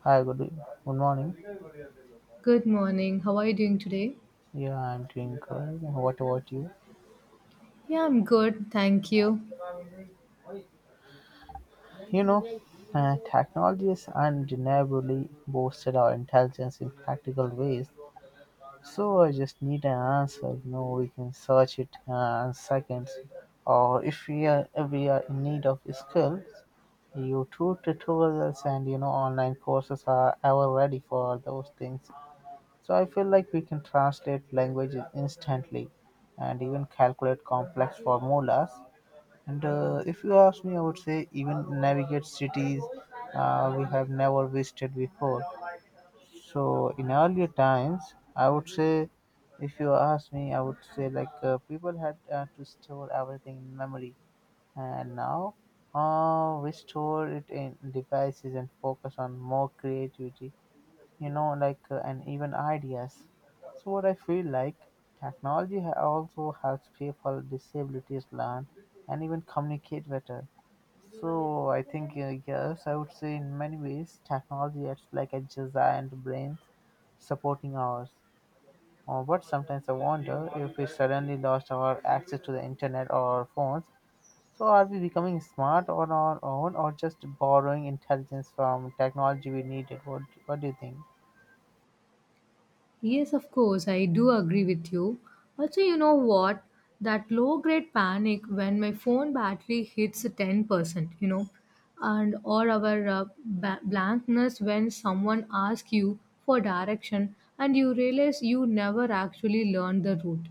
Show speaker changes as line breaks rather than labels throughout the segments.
Hi, good morning.
Good morning. How are you doing today?
Yeah, I'm doing good. What about you?
Yeah, I'm good. Thank you.
You know, Technology has undeniably boosted our intelligence in practical ways. So I just need an answer. We can search it in seconds, or if we are in need of skills, YouTube tutorials and online courses are ever ready for those things. So I feel like we can translate languages instantly and even calculate complex formulas. And if you ask me, I would say even navigate cities we have never visited before. So in earlier times, I would say, if you ask me, I would say like people had to store everything in memory, and now we store it in devices and focus on more creativity like and even ideas. So what I feel like, technology also helps people with disabilities learn and even communicate better. So I think yes, I would say in many ways technology acts like a giant brains supporting ours. But sometimes I wonder, if we suddenly lost our access to the internet or our phones, so are we becoming smart on our own or just borrowing intelligence from technology we needed. What do you think?
Yes, of course. I do agree with you. Also, you know what? That low grade panic when my phone battery hits 10%, you know, and or our blankness when someone asks you for direction and you realize you never actually learned the route.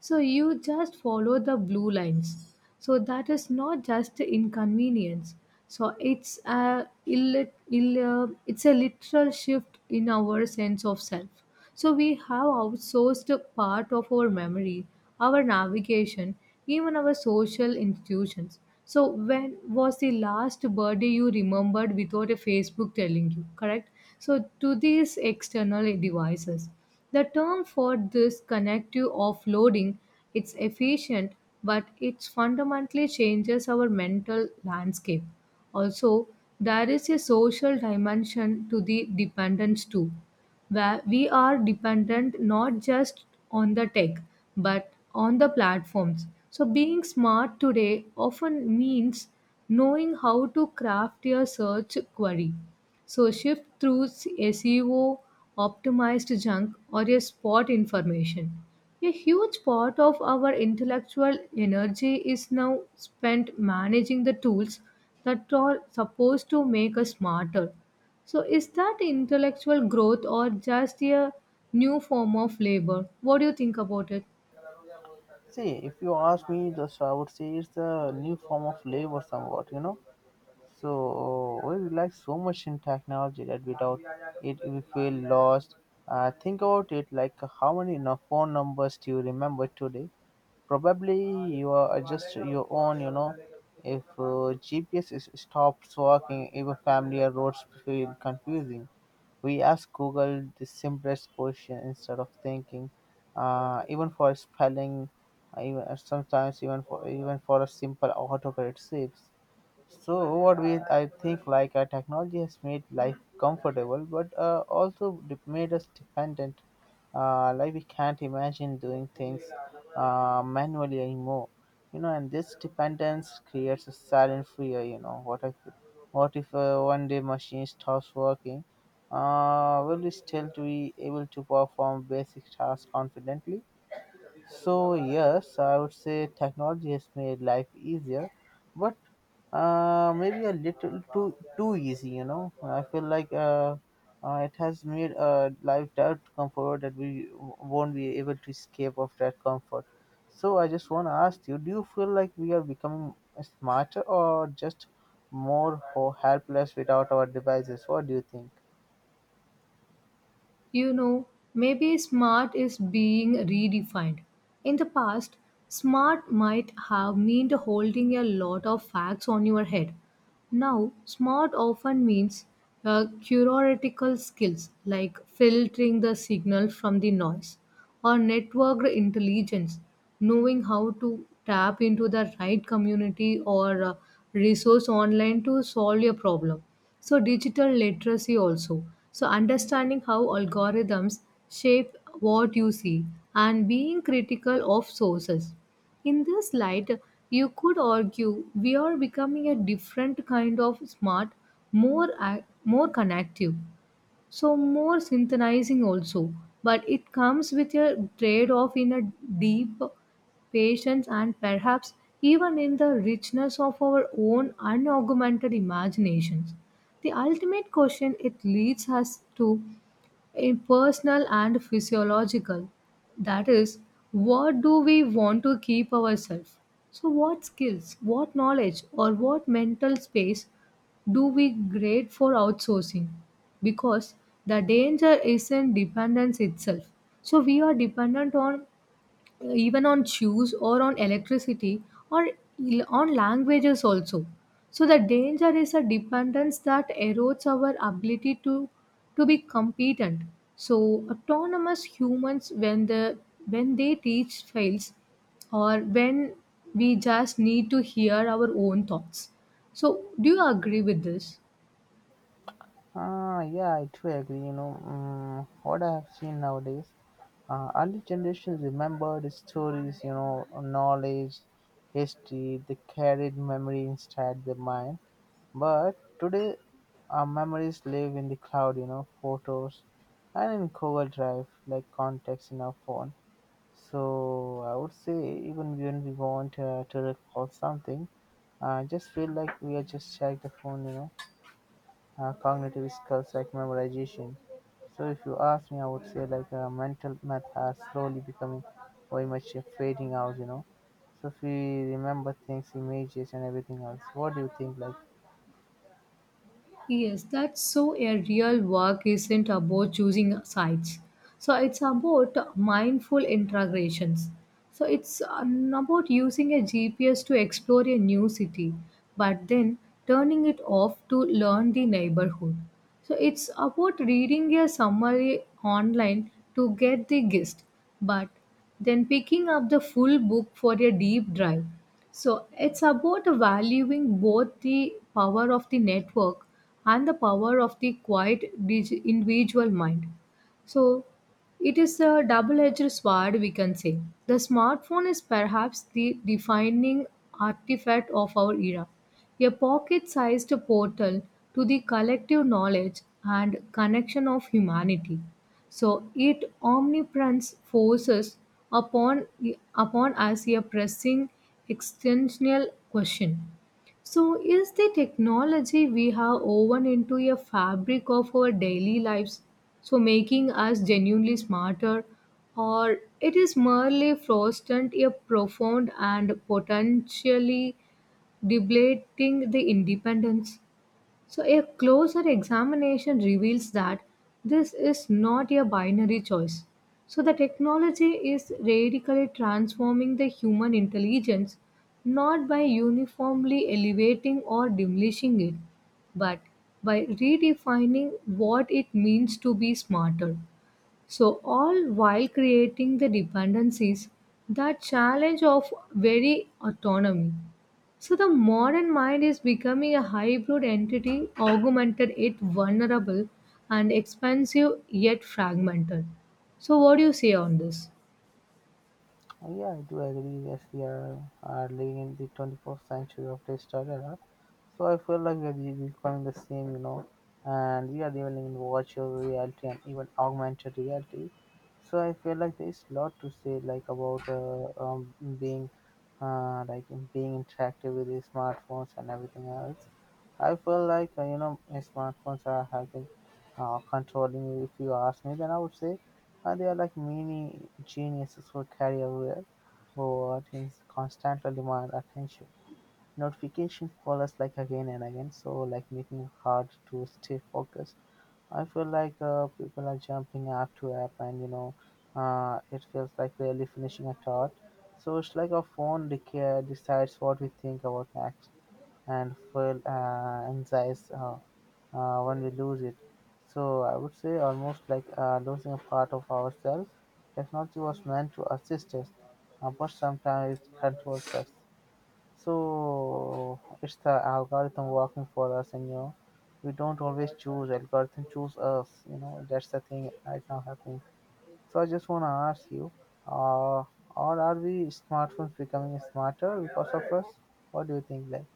So you just follow the blue lines. So that is not just inconvenience. So it's a it's a literal shift in our sense of self. So we have outsourced a part of our memory, our navigation, even our social institutions. So when was the last birthday you remembered without a Facebook telling you, correct? So to these external devices. The term for this connective offloading, it's efficient, but it fundamentally changes our mental landscape. Also, there is a social dimension to the dependence too, where we are dependent not just on the tech, but on the platforms. So being smart today often means knowing how to craft your search query, so shift through SEO optimized junk or a spot information. A huge part of our intellectual energy is now spent managing the tools that are supposed to make us smarter. So is that intellectual growth or just a new form of labor? What do you think about it?
See, if you ask me, just I would say it's a new form of labor, somewhat. So we rely so much in technology that without it we feel lost. Think about it, like how many phone numbers do you remember today? Probably you are just your own. If GPS is stops working, even familiar roads feel confusing. We ask Google the simplest question instead of thinking even for spelling. Sometimes even for a simple autocorrect saves. So overall, I think like technology has made life comfortable, but also made us dependent. Like we can't imagine doing things manually anymore. And this dependence creates a silent fear. What if one day machine stops working? Will we still be able to perform basic tasks confidently? So yes, I would say technology has made life easier, but maybe a little too easy. I feel like it has made life that comfort that we won't be able to escape of that comfort. So I just want to ask you: do you feel like we are becoming smarter or just more helpless without our devices? What do you think?
You know, maybe smart is being redefined. In the past, smart might have meant holding a lot of facts on your head. Now, smart often means theoretical skills like filtering the signal from the noise, or network intelligence, knowing how to tap into the right community or resource online to solve your problem. So, digital literacy also. So, understanding how algorithms shape what you see and being critical of sources. In this light, you could argue we are becoming a different kind of smart, more connective, so more synthesizing also. But it comes with a trade-off in a deep patience and perhaps even in the richness of our own unaugmented imaginations. The ultimate question it leads us to in personal and physiological. That is, what do we want to keep ourselves? So, what skills, what knowledge, or what mental space do we grade for outsourcing? Because the danger isn't dependence itself. So, we are dependent on even on shoes, or on electricity, or on languages also. So the danger is a dependence that erodes our ability to be competent, so autonomous humans when the when they teach fails, or when we just need to hear our own thoughts. So do you agree with this?
Ah, yeah, I do agree. What I have seen nowadays, early generations remembered stories, knowledge, history, they carried memory inside their mind. But today, our memories live in the cloud, photos and in Google Drive, like contacts in our phone. So I would say, even when we want to recall something, I just feel like we are just check the phone, cognitive skills like memorization. So if you ask me, I would say like mental math has slowly becoming very much fading out. So if we remember things, images and everything else, what do you think? Like,
Yes, that's so a real work isn't about choosing sides. So it's about mindful integrations. So it's about using a GPS to explore a new city, but then turning it off to learn the neighborhood. So it's about reading a summary online to get the gist, but then picking up the full book for a deep drive. So it's about valuing both the power of the network and the power of the individual mind. So it is a double edged sword, we can say. The smartphone is perhaps the defining artifact of our era, a pocket sized portal to the collective knowledge and connection of humanity. So it omnipresence forces upon, upon us a pressing existential question. So, is the technology we have woven into a fabric of our daily lives, so making us genuinely smarter, or it is merely fostering a profound and potentially debilitating the independence? So, a closer examination reveals that this is not a binary choice. So, the technology is radically transforming the human intelligence not by uniformly elevating or diminishing it, but by redefining what it means to be smarter. So, all while creating the dependencies that challenge of very autonomy. So, the modern mind is becoming a hybrid entity, augmented yet vulnerable, and expansive yet fragmented. So, what do you say on this?
oh, yeah, I do agree. Yes, we are living in the 21st century of digital era. So I feel like we are becoming the same, and we are living in virtual reality and even augmented reality. So I feel like there is a lot to say, like about being like in being interactive with the smartphones and everything else. I feel like smartphones are helping controlling you. If you ask me, then I would say they are like mini geniuses for career where but is constantly demand attention. Notification call us like again and again, so like making it hard to stay focused. I feel like people are jumping app to app, and it feels like rarely finishing a thought. So it's like our phone decides what we think about next, and feel anxious when we lose it. So I would say almost like losing a part of ourselves. Technology was meant to assist us, but sometimes it controls us. So it's the algorithm working for us, and we don't always choose algorithm choose us. That's the thing right now happening. So I just wanna ask you, uh, or are we smartphones becoming smarter because of us? What do you think? Like,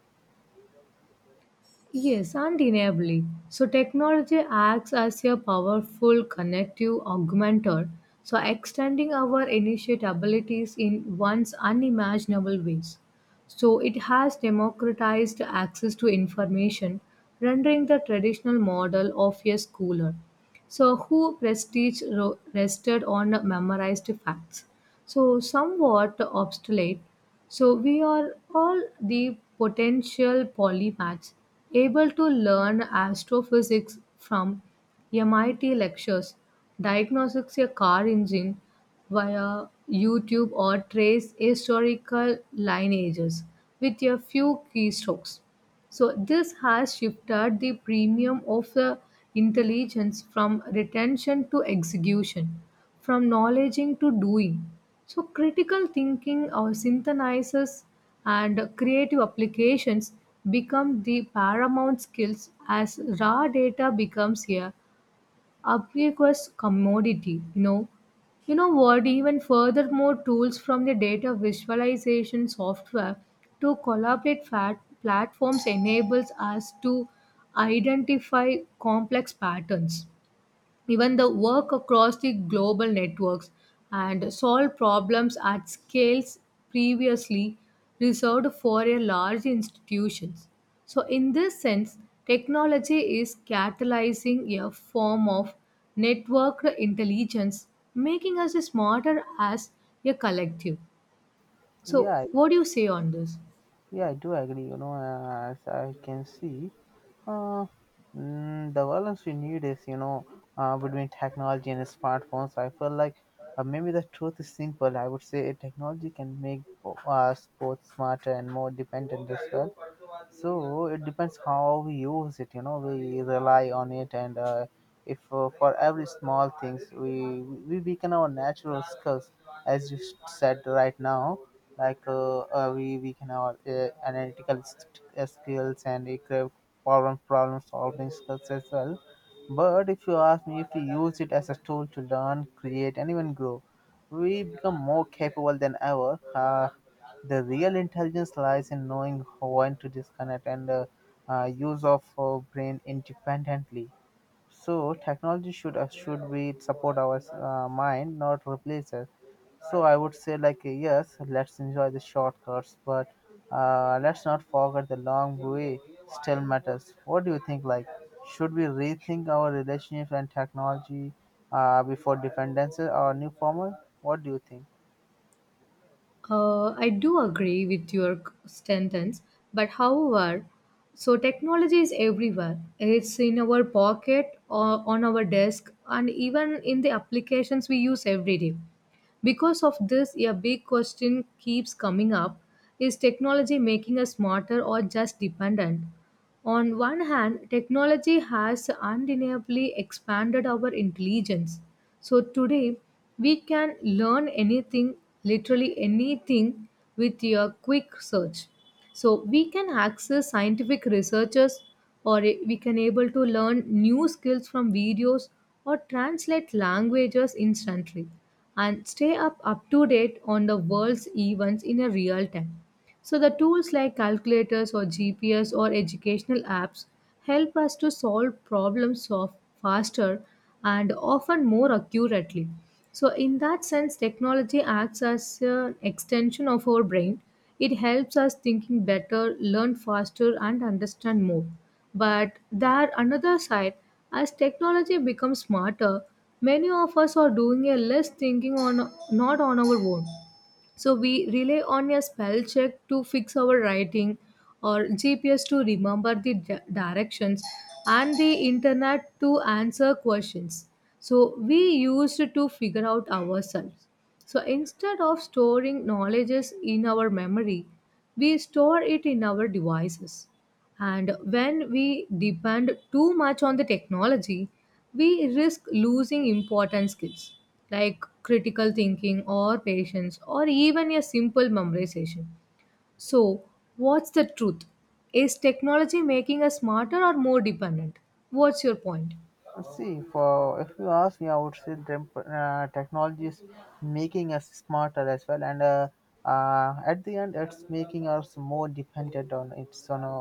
Yes, undeniably. So technology acts as a powerful connective augmenter, so extending our initiate abilities in once unimaginable ways. So it has democratized access to information, rendering the traditional model of a schooler so, who prestige rested on memorized facts? So, somewhat obsolete. So, we are all the potential polymaths able to learn astrophysics from MIT lectures, diagnostics a car engine via YouTube, or trace historical lineages with a few keystrokes. So this has shifted the premium of the intelligence from retention to execution, from knowledging to doing. So critical thinking or synthesizes and creative applications become the paramount skills as raw data becomes a ubiquitous commodity. You know what? Even furthermore, tools from the data visualization software to collaborate fat platforms enables us to identify complex patterns, even the work across the global networks and solve problems at scales previously reserved for a large institutions. So in this sense, technology is catalyzing a form of networked intelligence, making us smarter as a collective. So
yeah,
what do you say on this?
I do agree. As I can see, Uh, the balance we need is, between technology and smartphones. So I feel like maybe the truth is simple. I would say technology can make us both smarter and more dependent as well. So it depends how we use it. We rely on it, and if for every small things we weaken our natural skills as you said right now, like we can have analytical skills and it can problem solving skills as well. But if you ask me, if we use it as a tool to learn, create, and even grow, we become more capable than ever. The real intelligence lies in knowing when to disconnect and use of brain independently. So technology should be support our mind, not replace it. So I would say like yes, let's enjoy the shortcuts, but let's not forget the long way still matters. What do you think? Like, should we rethink our relationships and technology before dependency or new formal? What do you think?
I do agree with your sentence, but however, so technology is everywhere. It's in our pocket, or on our desk, and even in the applications we use every day. Because of this, a big question keeps coming up: Is technology making us smarter or just dependent? On one hand, technology has undeniably expanded our intelligence. So today, we can learn anything, literally anything, with a quick search. So we can access scientific researchers, or we can able to learn new skills from videos or translate languages instantly, and stay up to date on the world's events in a real time. So, the tools like calculators or GPS or educational apps help us to solve problems of faster and often more accurately. So, in that sense, technology acts as an extension of our brain. It helps us thinking better, learn faster, and understand more. But there, another side, as technology becomes smarter, many of us are doing a less thinking on not on our own. So we rely on a spell check to fix our writing or GPS to remember the directions and the internet to answer questions. So we used to figure out ourselves. So instead of storing knowledges in our memory, we store it in our devices. And when we depend too much on the technology, we risk losing important skills like critical thinking or patience or even a simple memorization. So, what's the truth? Is technology making us smarter or more dependent? What's your point?
See, for if you ask me, I would say technology is making us smarter as well, and at the end, it's making us more dependent on it's on a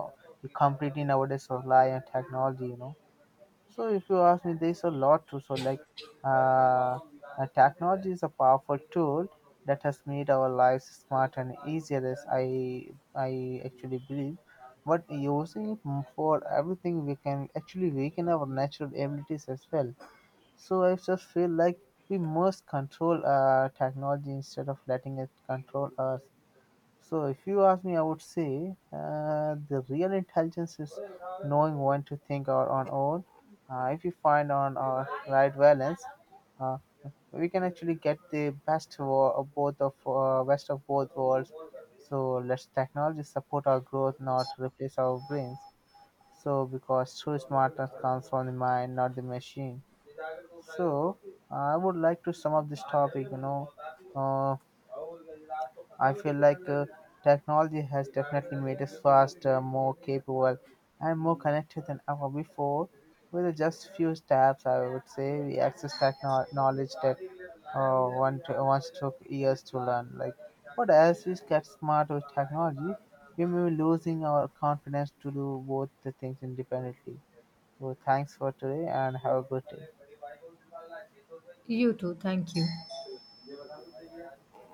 we completely nowadays rely on technology. So if you ask me, there's a lot to so like uh, technology is a powerful tool that has made our lives smart and easier as I actually believe. But using it for everything we can actually weaken our natural abilities as well. So I just feel like we must control technology instead of letting it control us. So, if you ask me, I would say the real intelligence is knowing when to think our on own. If we find on our right balance, uh, we can actually get the best of both worlds. So let's technology support our growth, not replace our brains. So because true smartness comes from the mind, not the machine. So I would like to sum up this topic. Uh, I feel like technology has definitely made us faster, more capable, and more connected than ever before. With just few steps, I would say we access knowledge that once took years to learn. Like, but as we get smart with technology, we may be losing our confidence to do both the things independently. So thanks for today and have a good day.
You too. Thank you.